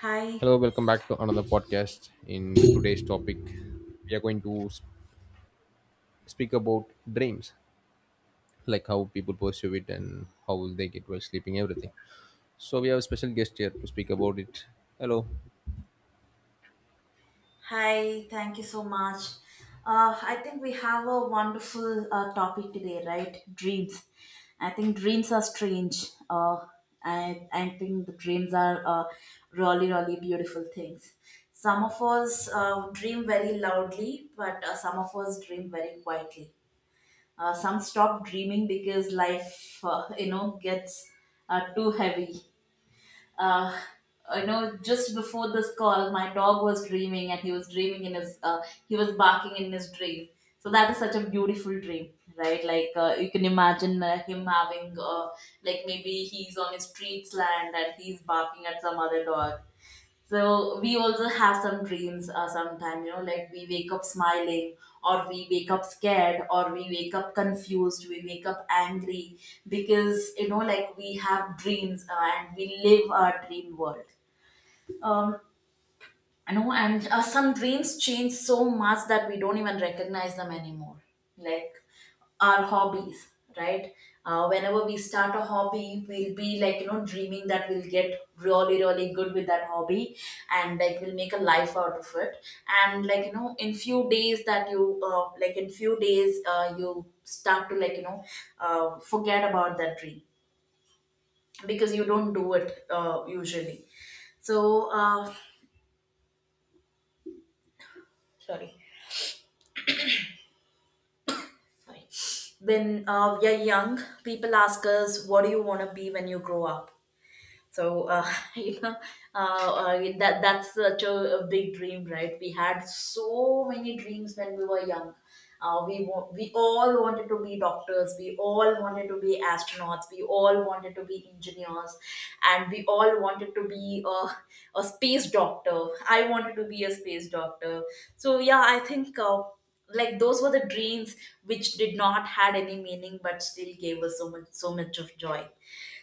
Hi, Hello, welcome back to another podcast. In today's topic, we are going to speak about dreams, like how people pursue it and how they get while sleeping, everything. So we have a special guest here to speak about it. Hello. hi, thank you so much. I think we have a wonderful topic today, right? Dreams. I think dreams are strange. I think the dreams are really, really beautiful things. Some of us dream very loudly, but some of us dream very quietly. Some stop dreaming because life gets too heavy. uh, I know, just before this call, my dog was dreaming and he was dreaming in he was barking in his dream. So that is such a beautiful dream, right? Like you can imagine him having, like maybe he's on his street's land and he's barking at some other dog. So we also have some dreams sometimes, you know, like we wake up smiling or we wake up scared or we wake up confused, we wake up angry because, you know, like we have dreams and we live our dream world. Um, I know, and some dreams change so much that we don't even recognize them anymore. Like our hobbies, right? Whenever we start a hobby, we'll be like, you know, dreaming that we'll get really, really good with that hobby and like we'll make a life out of it. And like, you know, in few days that you, like in few days, you start to like, you know, forget about that dream because you don't do it usually. So, sorry. When we are young, people ask us, "What do you want to be when you grow up?" So, you know that's such a big dream, right? We had so many dreams when we were young. We all wanted to be doctors. We all wanted to be astronauts. We all wanted to be engineers, and we all wanted to be a space doctor. I wanted to be a space doctor. So yeah, I think. Like those were the dreams which did not had any meaning but still gave us so much so much of joy.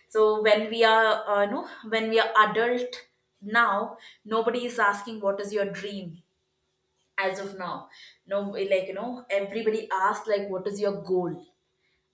So when we are no when we are adult now, nobody is asking what is your dream as of now. No, like you know, everybody asks, like, what is your goal,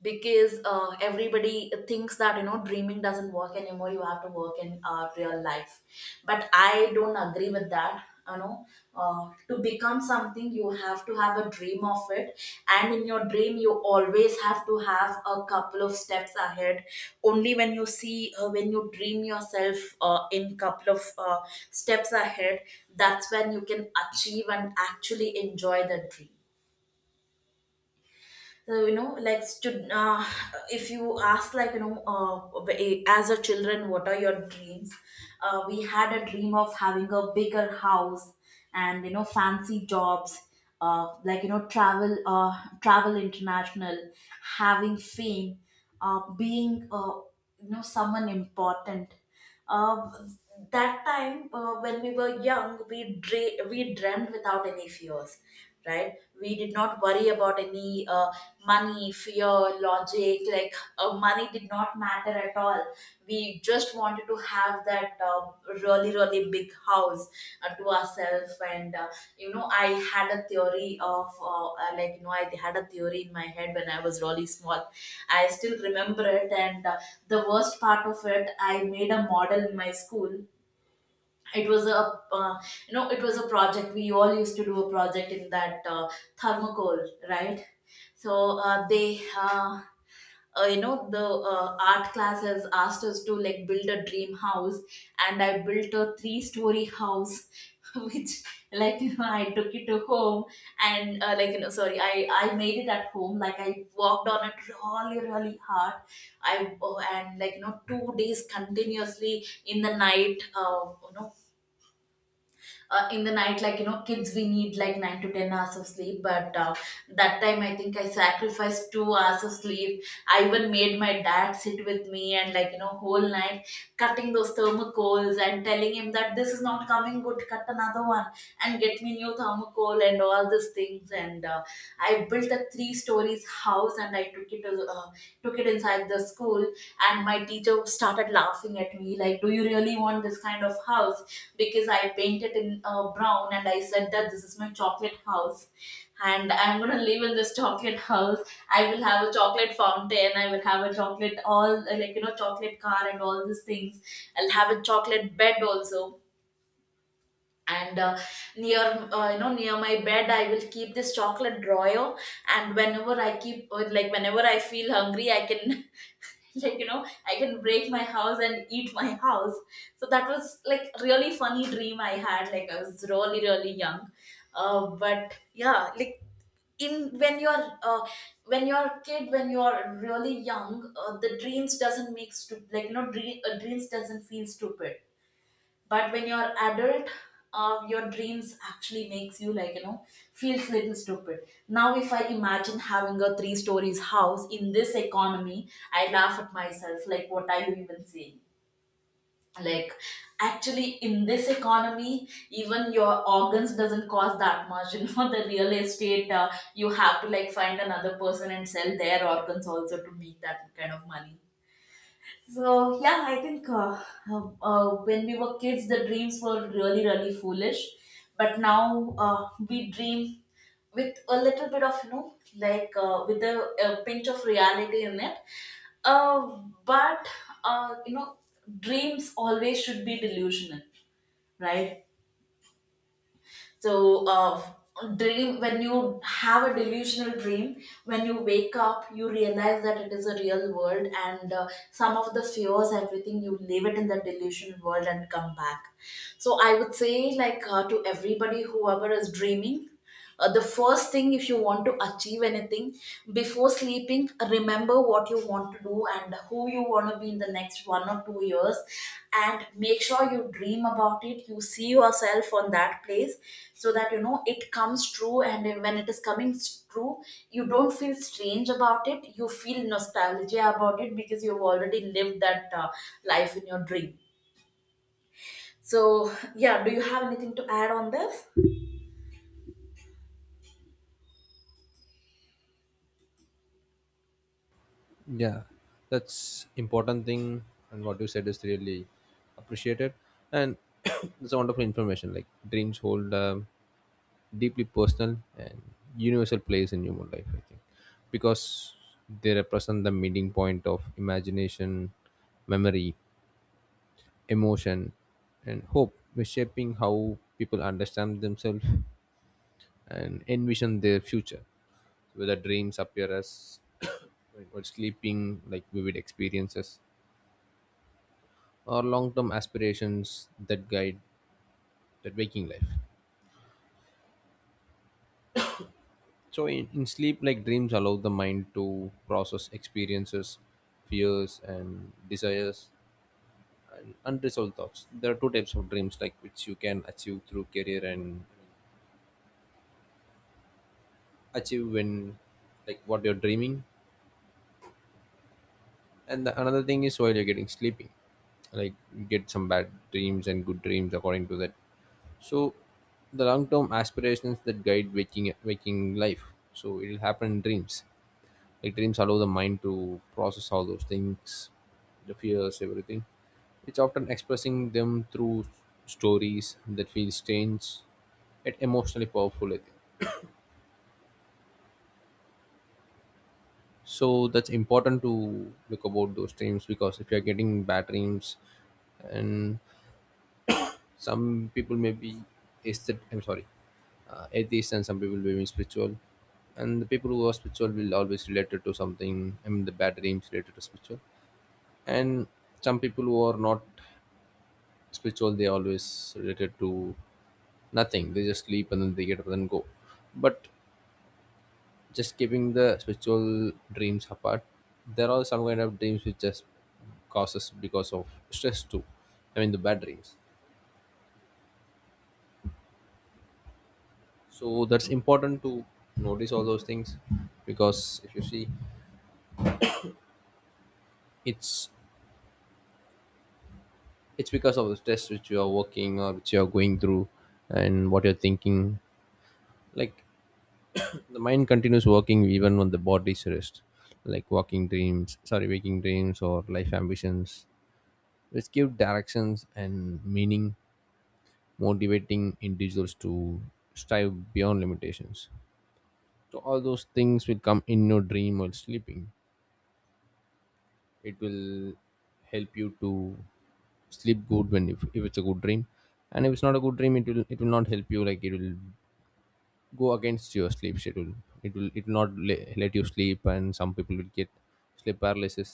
because everybody thinks that, you know, dreaming doesn't work anymore. You have to work in real life, but I don't agree with that, you know. To become something you have to have a dream of it, and in your dream you always have to have a couple of steps ahead. Only when you see when you dream yourself in couple of steps ahead, that's when you can achieve and actually enjoy the dream. So you know, if you ask, like you know, as a children, what are your dreams? We had a dream of having a bigger house, and, you know, fancy jobs, like you know, travel international, having fame, being you know, someone important. uh, that time, when we were young, we dreamt without any fears, right? We did not worry about any money, fear, logic. Like, money did not matter at all. We just wanted to have that really, really big house to ourselves, and you know, I had a theory of like I had a theory in my head when I was really small. I still remember it, and the worst part of it, I made a model in my school. It was a uh, it was a project. We all used to do a project in that, thermocol, right? So, they uh, you know the art class has asked us to like build a dream house. And I built a three-story house which, like you know, I took it to home. And like you know, sorry, I made it at home. Like, I worked on it really, really hard. I, oh, and like you know, 2 days continuously in the night. In the night, like you know, kids we need like 9 to 10 hours of sleep, but that time I think I sacrificed 2 hours of sleep. I even made my dad sit with me, and like you know, whole night, cutting those thermocols and telling him that this is not coming good, cut another one and get me new thermocol and all these things. And I built a three stories house and I took it inside the school. And my teacher started laughing at me like, do you really want this kind of house? Because I painted in brown and I said that this is my chocolate house, and I'm going to live in this chocolate house. I will have a chocolate fountain, I will have a chocolate all like you know, chocolate car and all these things. I'll have a chocolate bed also. And near you know, near my bed I will keep this chocolate drawer. And whenever I keep like whenever I feel hungry, I can like you know, I can break my house and eat my house. So that was like really funny dream I had. Like, I was really, really young. But yeah, like, in when you're a kid, when you're really young, the dreams doesn't make stu- like you know dream, dreams doesn't feel stupid. But when you're adult, your dreams actually makes you, like you know, feels little stupid. Now if I imagine having a three stories house in this economy, I laugh at myself like, what are you even saying? Like, actually in this economy, even your organs doesn't cost that much. You know, the real estate, you have to like find another person and sell their organs also to make that kind of money. So yeah, I think. When we were kids, the dreams were really, really foolish. But now, we dream with a little bit of, you know, like, with a pinch of reality in it. Uh, but, you know, dreams always should be delusional, right? So, dream when you have a delusional dream, when you wake up, you realize that it is a real world, and some of the fears, everything you leave it in the delusion world and come back. So, I would say, like, to everybody, whoever is dreaming. The first thing, if you want to achieve anything, before sleeping, remember what you want to do and who you want to be in the next 1 or 2 years, and make sure you dream about it. You see yourself on that place so that you know it comes true. And when it is coming true, you don't feel strange about it, you feel nostalgia about it because you've already lived that life in your dream. So, yeah, do you have anything to add on this? Yeah, that's important thing, and what you said is really appreciated, and it's a wonderful information. Like dreams hold deeply personal and universal place in human life, I think, because they represent the meeting point of imagination, memory, emotion, and hope, which shaping how people understand themselves and envision their future. Whether dreams appear as or sleeping, like vivid experiences, or long-term aspirations that guide that waking life. So in sleep, like dreams allow the mind to process experiences, fears, and desires, and unresolved thoughts. There are two types of dreams, like which you can achieve through career and achieve when, like, what you're dreaming. And another thing is while you're getting sleepy, like get some bad dreams and good dreams according to that. So the long term aspirations that guide waking life, so it will happen in dreams. Like dreams allow the mind to process all those things, the fears, everything. It's often expressing them through stories that feel strange yet emotionally powerful, I think. So that's important to look about those dreams, because if you're getting bad dreams and some people may be aesthet- I'm sorry, atheist, and some people may be spiritual. And the people who are spiritual will always relate it to something. I mean, the bad dreams related to spiritual. And some people who are not spiritual, they always related to nothing. They just sleep and then they get up and go. But just keeping the spiritual dreams apart, there are some kind of dreams which just causes because of stress too. I mean the bad dreams. So that's important to notice all those things, because if you see, it's it's because of the stress which you are working or which you are going through and what you're thinking. Like the mind continues working even when the body's rest. Like walking dreams sorry waking dreams or life ambitions which give directions and meaning, motivating individuals to strive beyond limitations. So all those things will come in your dream while sleeping. It will help you to sleep good when, if it's a good dream. And if it's not a good dream, it will not help you. Like it will go against your sleep schedule. It will not let you sleep, and some people will get sleep paralysis.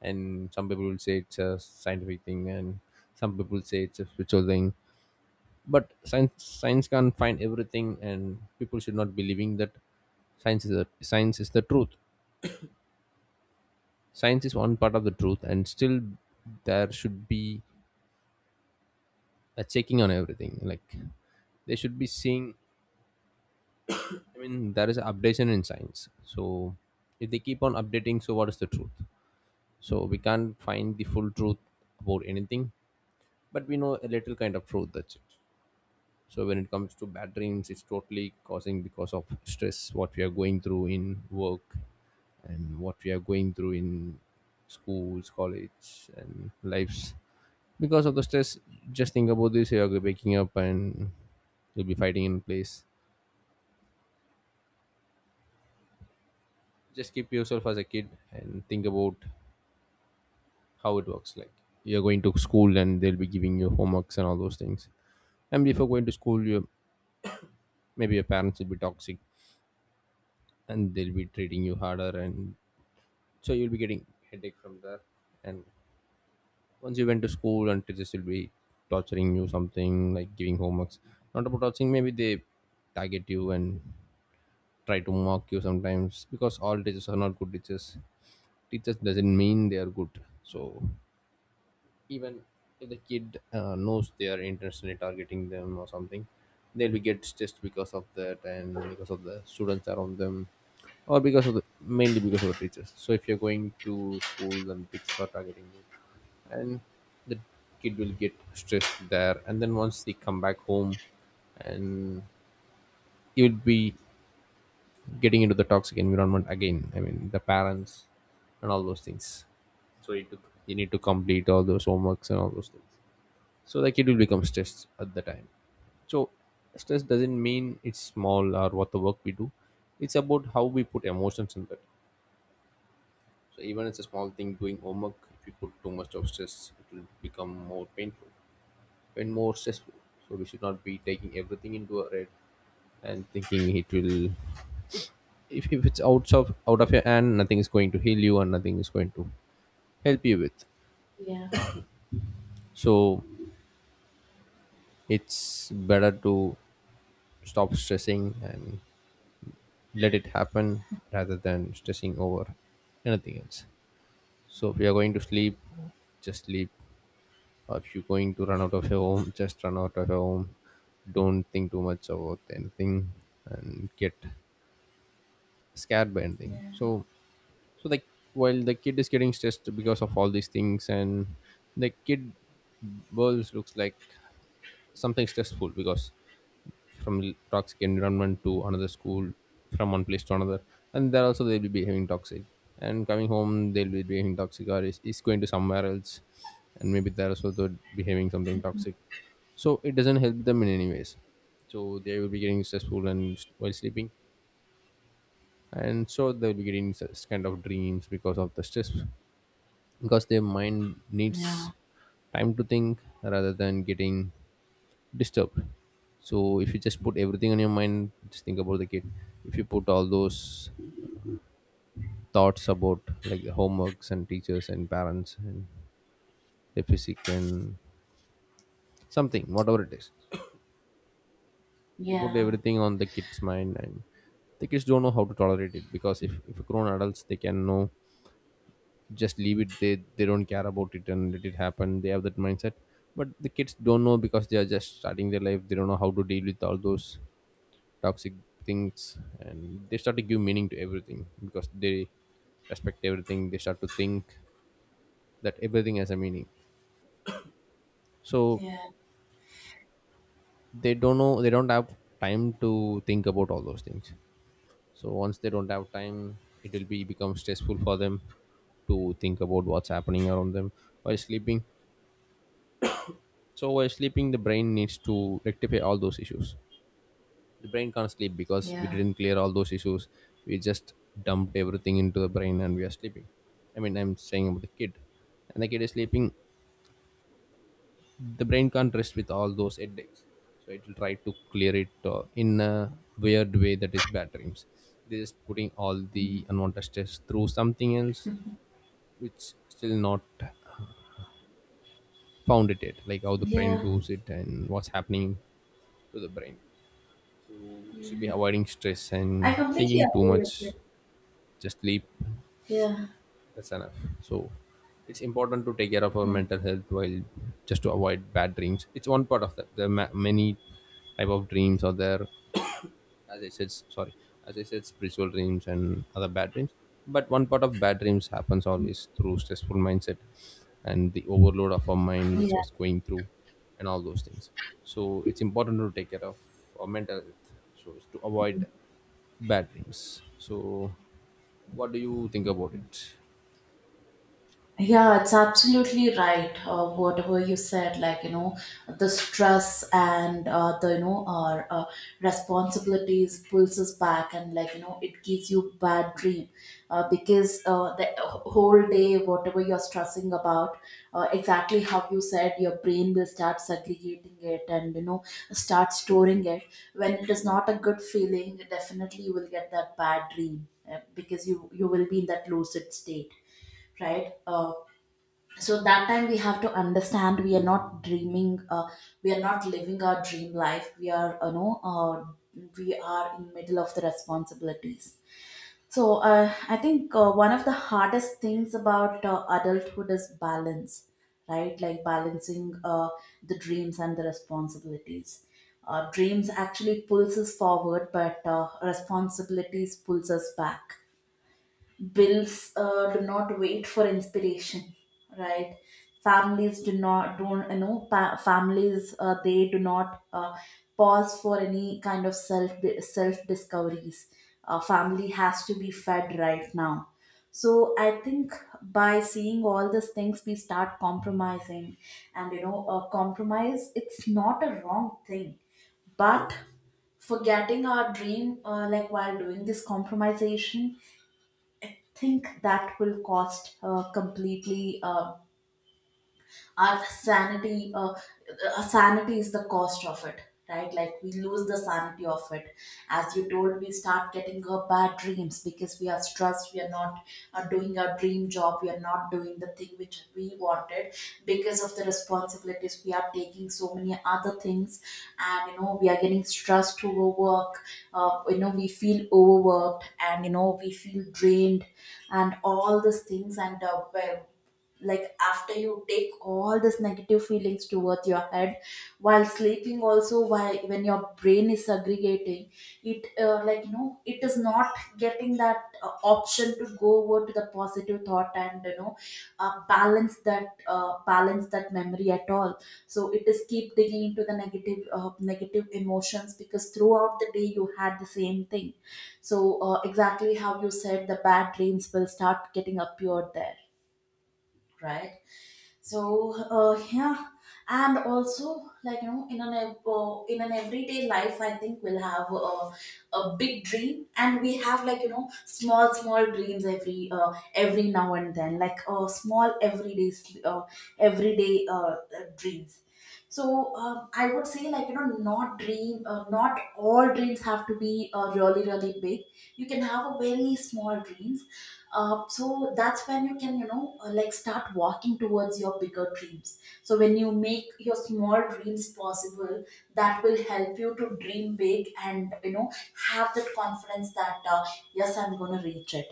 And some people will say it's a scientific thing, and some people say it's a spiritual thing. But science can find everything, and people should not be believing that science is the truth. Science is one part of the truth, and still there should be checking on everything. Like they should be seeing, I mean, there is updation in science. So if they keep on updating, so what is the truth? So we can't find the full truth about anything, but we know a little kind of truth, that's it. So when it comes to bad dreams, it's totally causing because of stress, what we are going through in work, and what we are going through in schools, college, and lives. Because of the stress, just think about this, you're waking up and you'll be fighting in place. Just keep yourself as a kid and think about how it works. Like you're going to school and they'll be giving you homeworks and all those things. And before going to school, you, maybe your parents will be toxic and they'll be treating you harder, and so you'll be getting headache from that. And once you went to school, and teachers will be torturing you something like giving homeworks. Not about torturing, maybe they target you and try to mock you sometimes, because all teachers are not good teachers. Teachers doesn't mean they are good. So even if the kid knows they are intentionally targeting them or something, they'll be get stressed because of that, and because of the students around them, or because of the, mainly because of the teachers. So if you're going to school and teachers are targeting you, and the kid will get stressed there. And then once they come back home, and you'll be getting into the toxic environment again, I mean the parents and all those things. So you, took, you need to complete all those homeworks and all those things. So the kid will become stressed at the time. So stress doesn't mean it's small or what the work we do, it's about how we put emotions in that. So even it's a small thing doing homework, if you put too much of stress, it will become more painful and more stressful. So we should not be taking everything into a head and thinking it will, if it's out of your hand, nothing is going to heal you and nothing is going to help you with. Yeah. So it's better to stop stressing and let it happen rather than stressing over anything else. So if you're going to sleep, just sleep. Or if you're going to run out of your home, just run out of your home. Don't think too much about anything and get scared by anything. Yeah. So so like while the kid is getting stressed because of all these things, and the kid, world looks like something stressful, because from toxic environment to another school, from one place to another, and there also they'll be behaving toxic, and coming home they'll be behaving toxic, or is going to somewhere else, and maybe they're also behaving something toxic. So it doesn't help them in any ways. So they will be getting stressful, and while sleeping, and so they'll be getting such kind of dreams because of the stress, because their mind Yeah. needs time to think rather than getting disturbed. So if you just put everything on your mind, just think about the kid. If you put all those thoughts about like the homeworks and teachers and parents and the physics and something, whatever it is. If you put Yeah. everything on the kid's mind, and the kids don't know how to tolerate it. Because if grown adults, they can know, just leave it, they don't care about it and let it happen, they have that mindset. But the kids don't know, because they are just starting their life, they don't know how to deal with all those toxic things. And they start to give meaning to everything, because they respect everything, they start to think that everything has a meaning. So Yeah, they don't know, they don't have time to think about all those things. So once they don't have time, it will be become stressful for them to think about what's happening around them while sleeping. So while sleeping, the brain needs to rectify all those issues. The brain can't sleep because we yeah, didn't clear all those issues. We just dumped everything into the brain and we are sleeping. I mean I'm saying about the kid, and the kid is sleeping. The brain can't rest with all those headaches. So it will try to clear it in a weird way, that is bad dreams. They're just putting all the unwanted stress through something else, which still not found it yet, like how the brain yeah, does it and what's happening to the brain. So we should be yeah. avoiding stress I and completely thinking too agree with you. much. Just sleep, Yeah, that's enough. So it's important to take care of our yeah, mental health, while just to avoid bad dreams, it's one part of that. There are many type of dreams are there. As I said, sorry as I said, spiritual dreams and other bad dreams. But one part of bad dreams happens always through stressful mindset, and the overload of our mind which Yeah. was going through, and all those things. So it's important to take care of our mental health so as to avoid bad dreams. So what do you think about it? Yeah, it's absolutely right. Whatever you said, like you know, the stress and the you know our responsibilities pulls us back, and like you know, it gives you bad dream because the whole day, whatever you're stressing about, exactly how you said, your brain will start segregating it and, you know, start storing it. When it is not a good feeling, definitely you will get that bad dream because you will be in that lucid state, right? So that time we have to understand we are not dreaming we are not living our dream life. We are we are in middle of the responsibilities. So I think one of the hardest things about adulthood is balance, right? Like balancing the dreams and the responsibilities. Dreams actually pulls us forward, but responsibilities pulls us back. Bills do not wait for inspiration, right? Families do not don't you know pa- families they do not pause for any kind of self, self discoveries. Family has to be fed right now. So I think by seeing all these things we start compromising, and compromise, it's not a wrong thing. But forgetting our dream, like while doing this compromisation, think that will cost completely our sanity. Sanity is the cost of it, right? Like we lose the sanity of it. As you told, we start getting bad dreams because we are stressed. We are not doing our dream job, we are not doing the thing which we wanted. Because of the responsibilities we are taking so many other things, and you know we are getting stressed to work. You know we feel overworked, and you know we feel drained and all these things. And like after you take all these negative feelings towards your head, while sleeping also, while when your brain is segregating it, like you know, it is not getting that option to go over to the positive thought and balance that, balance that memory at all. So it is keep digging into the negative, negative emotions, because throughout the day you had the same thing. So exactly how you said, the bad dreams will start getting appeared there, right? So yeah, and also like you know, in in an everyday life, I think we'll have a big dream, and we have like you know small small dreams every now and then, like small everyday everyday dreams. So I would say like you know, not all dreams have to be really really big. You can have a very small dreams. So that's when you can like start walking towards your bigger dreams. So when you make your small dreams possible, that will help you to dream big and you know have that confidence that yes, I'm going to reach it.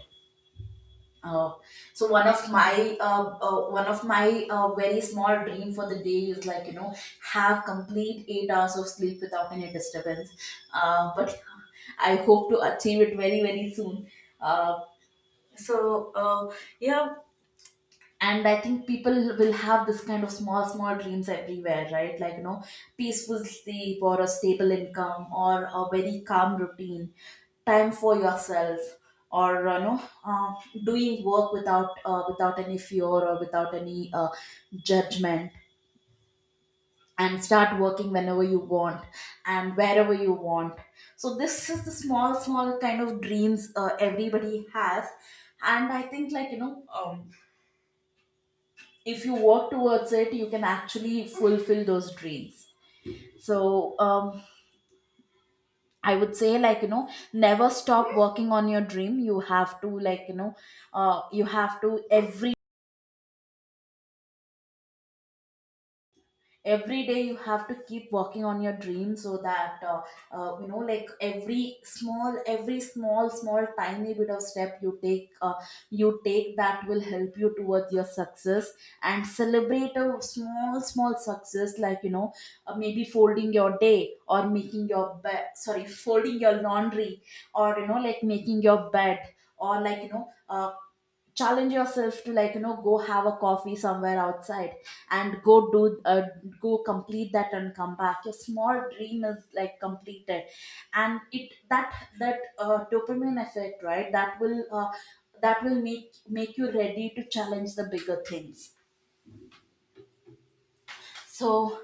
Oh, so one of my very small dream for the day is like you know have complete 8 hours of sleep without any disturbance. But I hope to achieve it very very soon. Uh, so uh, yeah, and I think people will have this kind of small small dreams everywhere, right? Like you know, peaceful sleep, or a stable income, or a very calm routine, time for yourself, or doing work without without any fear, or without any judgment, and start working whenever you want and wherever you want. So this is the small small kind of dreams everybody has. And I think like if you work towards it, you can actually fulfill those dreams. So I would say like you know, never stop working on your dream. You have to like you know, you have to every day you have to keep working on your dream, so that you know, like every small, every small tiny bit of step you take, you take that will help you towards your success. And celebrate a small small success, like you know, maybe folding your day, or making your bed, sorry, folding your laundry, or you know like making your bed, or like challenge yourself to like you know, go have a coffee somewhere outside, and go do go complete that and come back. Your small dream is like completed. And it that that dopamine effect, right? That will that will make you ready to challenge the bigger things. so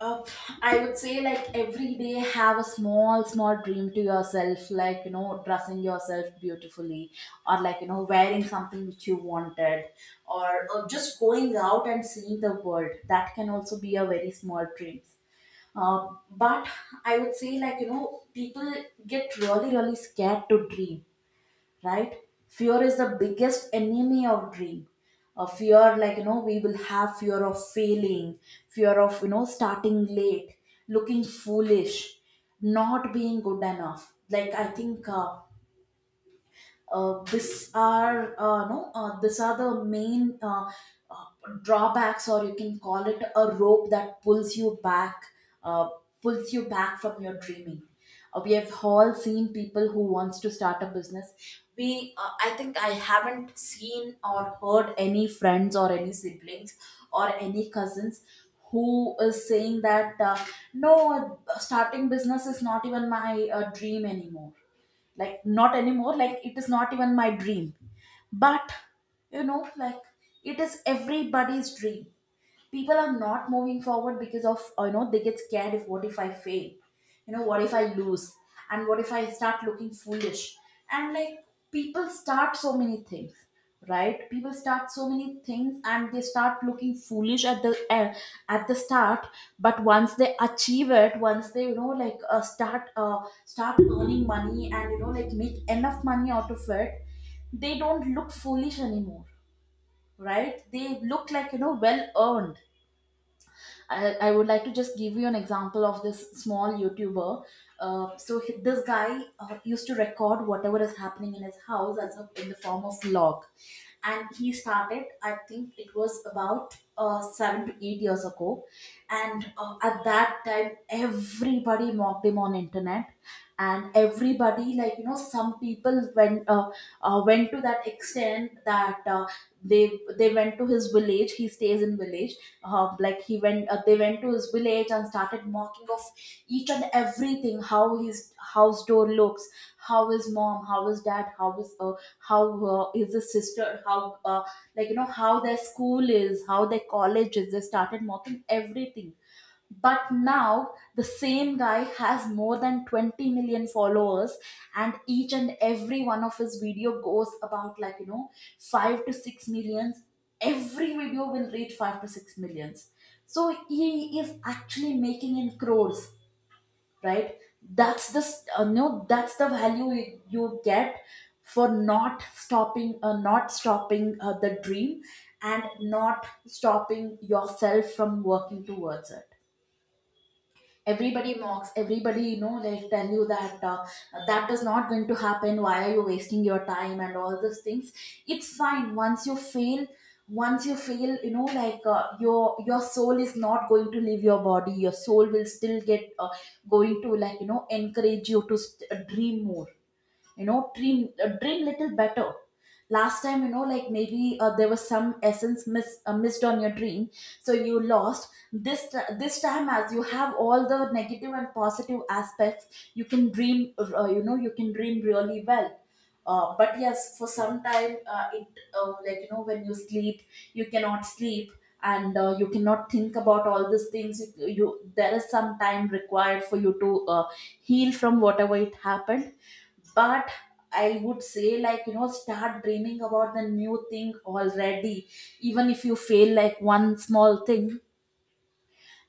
Uh, I would say like every day have a small small dream to yourself, like you know, dressing yourself beautifully, or like you know wearing something which you wanted, or just going out and seeing the world. That can also be a very small dream. But I would say like you know, people get really really scared to dream, right? Fear is the biggest enemy of dream. A fear, like you know, we will have fear of failing, fear of you know starting late, looking foolish, not being good enough. Like I think this are no these are the main uh, drawbacks, or you can call it a rope that pulls you back, uh, pulls you back from your dreaming. We have all seen people who wants to start a business. We I think I haven't seen or heard any friends or any siblings or any cousins who is saying that no, starting business is not even my dream anymore, like not anymore, like it is not even my dream. But you know like it is everybody's dream. People are not moving forward because of you know, they get scared. If what if I fail, you know, what if I lose, and what if I start looking foolish? And like people start so many things, right? People start so many things and they start looking foolish at at the start. But once they achieve it, once they you know like start earning money, and you know like make enough money out of it, they don't look foolish anymore, right? They look like you know well earned. I would like to just give you an example of this small YouTuber. This guy used to record whatever is happening in his house as in the form of vlog, and he started. I think it was about 7 to 8 years ago, and at that time everybody mocked him on internet. And everybody like you know, some people went went to that extent that. They went to his village. He stays in village. Like he went They went to his village and started mocking of each and everything. How his house door looks, how his mom, how his dad, how his how is his sister, how like you know how their school is, how their college is, they started mocking everything. But now the same guy has more than 20 million followers, and each and every one of his video goes about like you know 5 to 6 millions. Every video will reach 5 to 6 millions. So he is actually making in crores, right? that's the s- no That's the value you get for not stopping, the dream, and not stopping yourself from working towards it. Everybody mocks, everybody you know like tell you that that is not going to happen, why are you wasting your time, and all those things. It's fine. Once you fail, once you fail, you know like your soul is not going to leave your body. Your soul will still get going to like you know encourage you to dream more, you know, dream little better. Last time you know like maybe there was some essence missed on your dream, so you lost. This time, as you have all the negative and positive aspects, you can dream, you can dream really well. But yes, for some time it like you know when you sleep, you cannot sleep. And you cannot think about all these things. You, there is some time required for you to heal from whatever it happened. But I would say like you know, start dreaming about the new thing already, even if you fail like one small thing.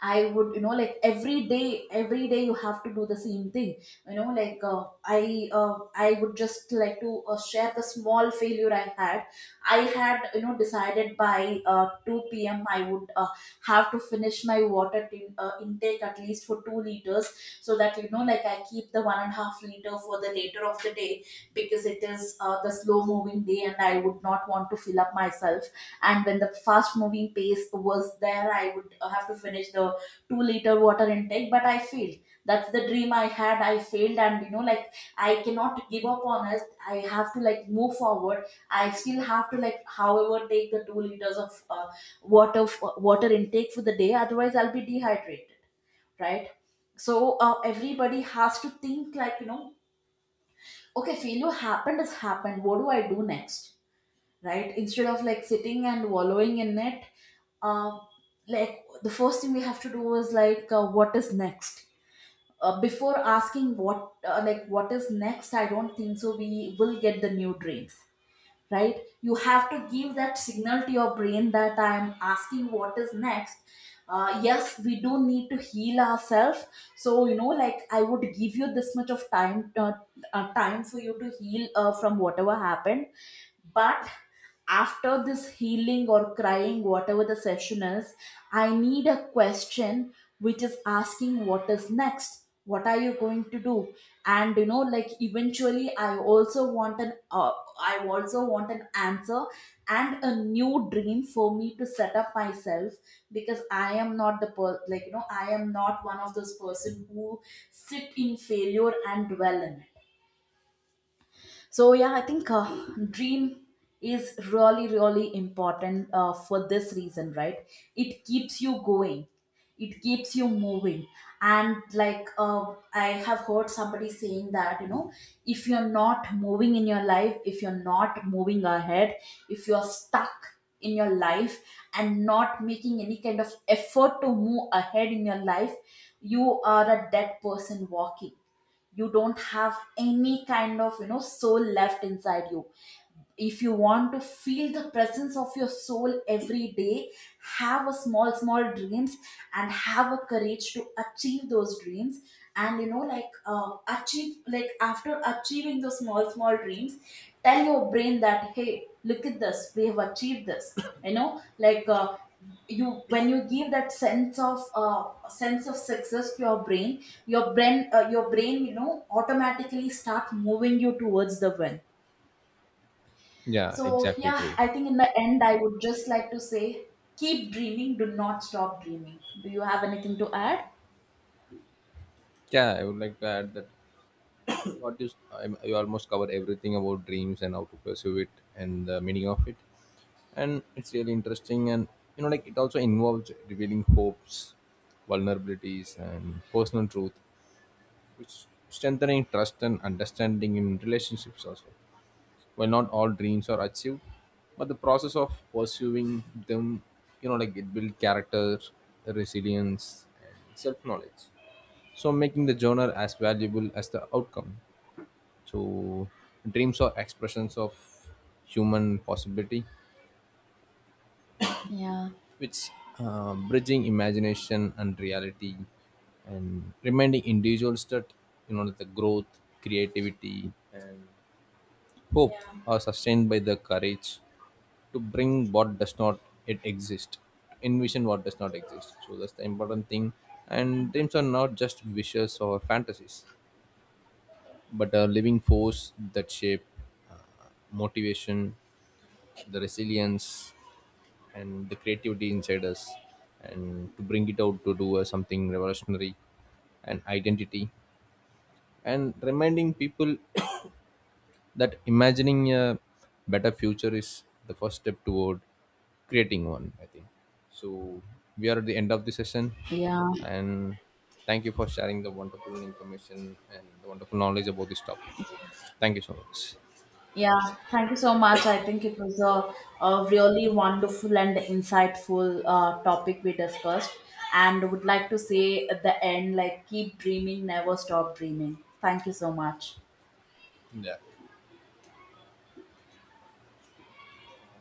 I would, you know, like every day you have to do the same thing. You know, like I would just like to share the small failure I had. I had, you know, decided by two p.m. I would have to finish my intake at least for 2 liters, so that you know, like I keep the 1.5 liter for the later of the day, because it is the slow moving day, and I would not want to fill up myself. And when the fast moving pace was there, I would have to finish the 2-liter water intake, but I failed. That's the dream I had. I failed, and you know like I cannot give up on it. I have to like move forward. I still have to like however take the 2 liters of water, water intake for the day, otherwise I'll be dehydrated, right? So everybody has to think like you know, okay, failure happened has happened, what do I do next, right? Instead of like sitting and wallowing in it. uh, like the first thing we have to do is like, what is next before asking what like what is next, I don't think so we will get the new dreams, right? You have to give that signal to your brain that I'm asking what is next. Yes, we do need to heal ourselves. So you know like, I would give you this much of time, time for you to heal from whatever happened. But after this healing or crying, whatever the session is, I need a question which is asking what is next, what are you going to do. And you know like, eventually I also want an answer, and a new dream for me to set up myself. Because I am not like you know, I am not one of those person who sit in failure and dwell in it. So yeah, I think dream is really really important for this reason, right? It keeps you going, it keeps you moving. And like I have heard somebody saying that, you know, if you're not moving in your life, if you're not moving ahead, if you're stuck in your life and not making any kind of effort to move ahead in your life, you are a dead person walking. You don't have any kind of you know soul left inside you. If you want to feel the presence of your soul every day, have a small small dreams, and have a courage to achieve those dreams. And you know like achieve like after achieving those small small dreams, tell your brain that hey look at this, we have achieved this. You know like you, when you give that sense of, sense of success to your brain, your brain your brain you know automatically start moving you towards the win. Yeah, So exactly yeah, true. I think in the end, I would just like to say keep dreaming, do not stop dreaming. Do you have anything to add? Yeah, I would like to add that what you, s- I'm- you almost cover everything about dreams and how to pursue it and the meaning of it. And it's really interesting. And, you know, like it also involves revealing hopes, vulnerabilities, and personal truth, which strengthening trust and understanding in relationships also. Well, not all dreams are achieved, but the process of pursuing them, you know, like it builds character, resilience, and self knowledge. So, making the journal as valuable as the outcome. So, dreams are expressions of human possibility, Yeah. which bridging imagination and reality, and reminding individuals that you know that the growth, creativity, and hope Yeah. are sustained by the courage to bring what does not yet exist, to envision what does not exist. So that's the important thing. And dreams are not just wishes or fantasies, but a living force that shape uh, motivation, the resilience, and the creativity inside us, and to bring it out to do something revolutionary and identity, and reminding people. That imagining a better future is the first step toward creating one, I think. So we are at the end of the session, Yeah, and thank you for sharing the wonderful information and the wonderful knowledge about this topic. Thank you so much. yeah. Thank you so much. I think it was a really wonderful and insightful topic we discussed, and would like to say at the end, like, keep dreaming, never stop dreaming. Thank you so much. Yeah.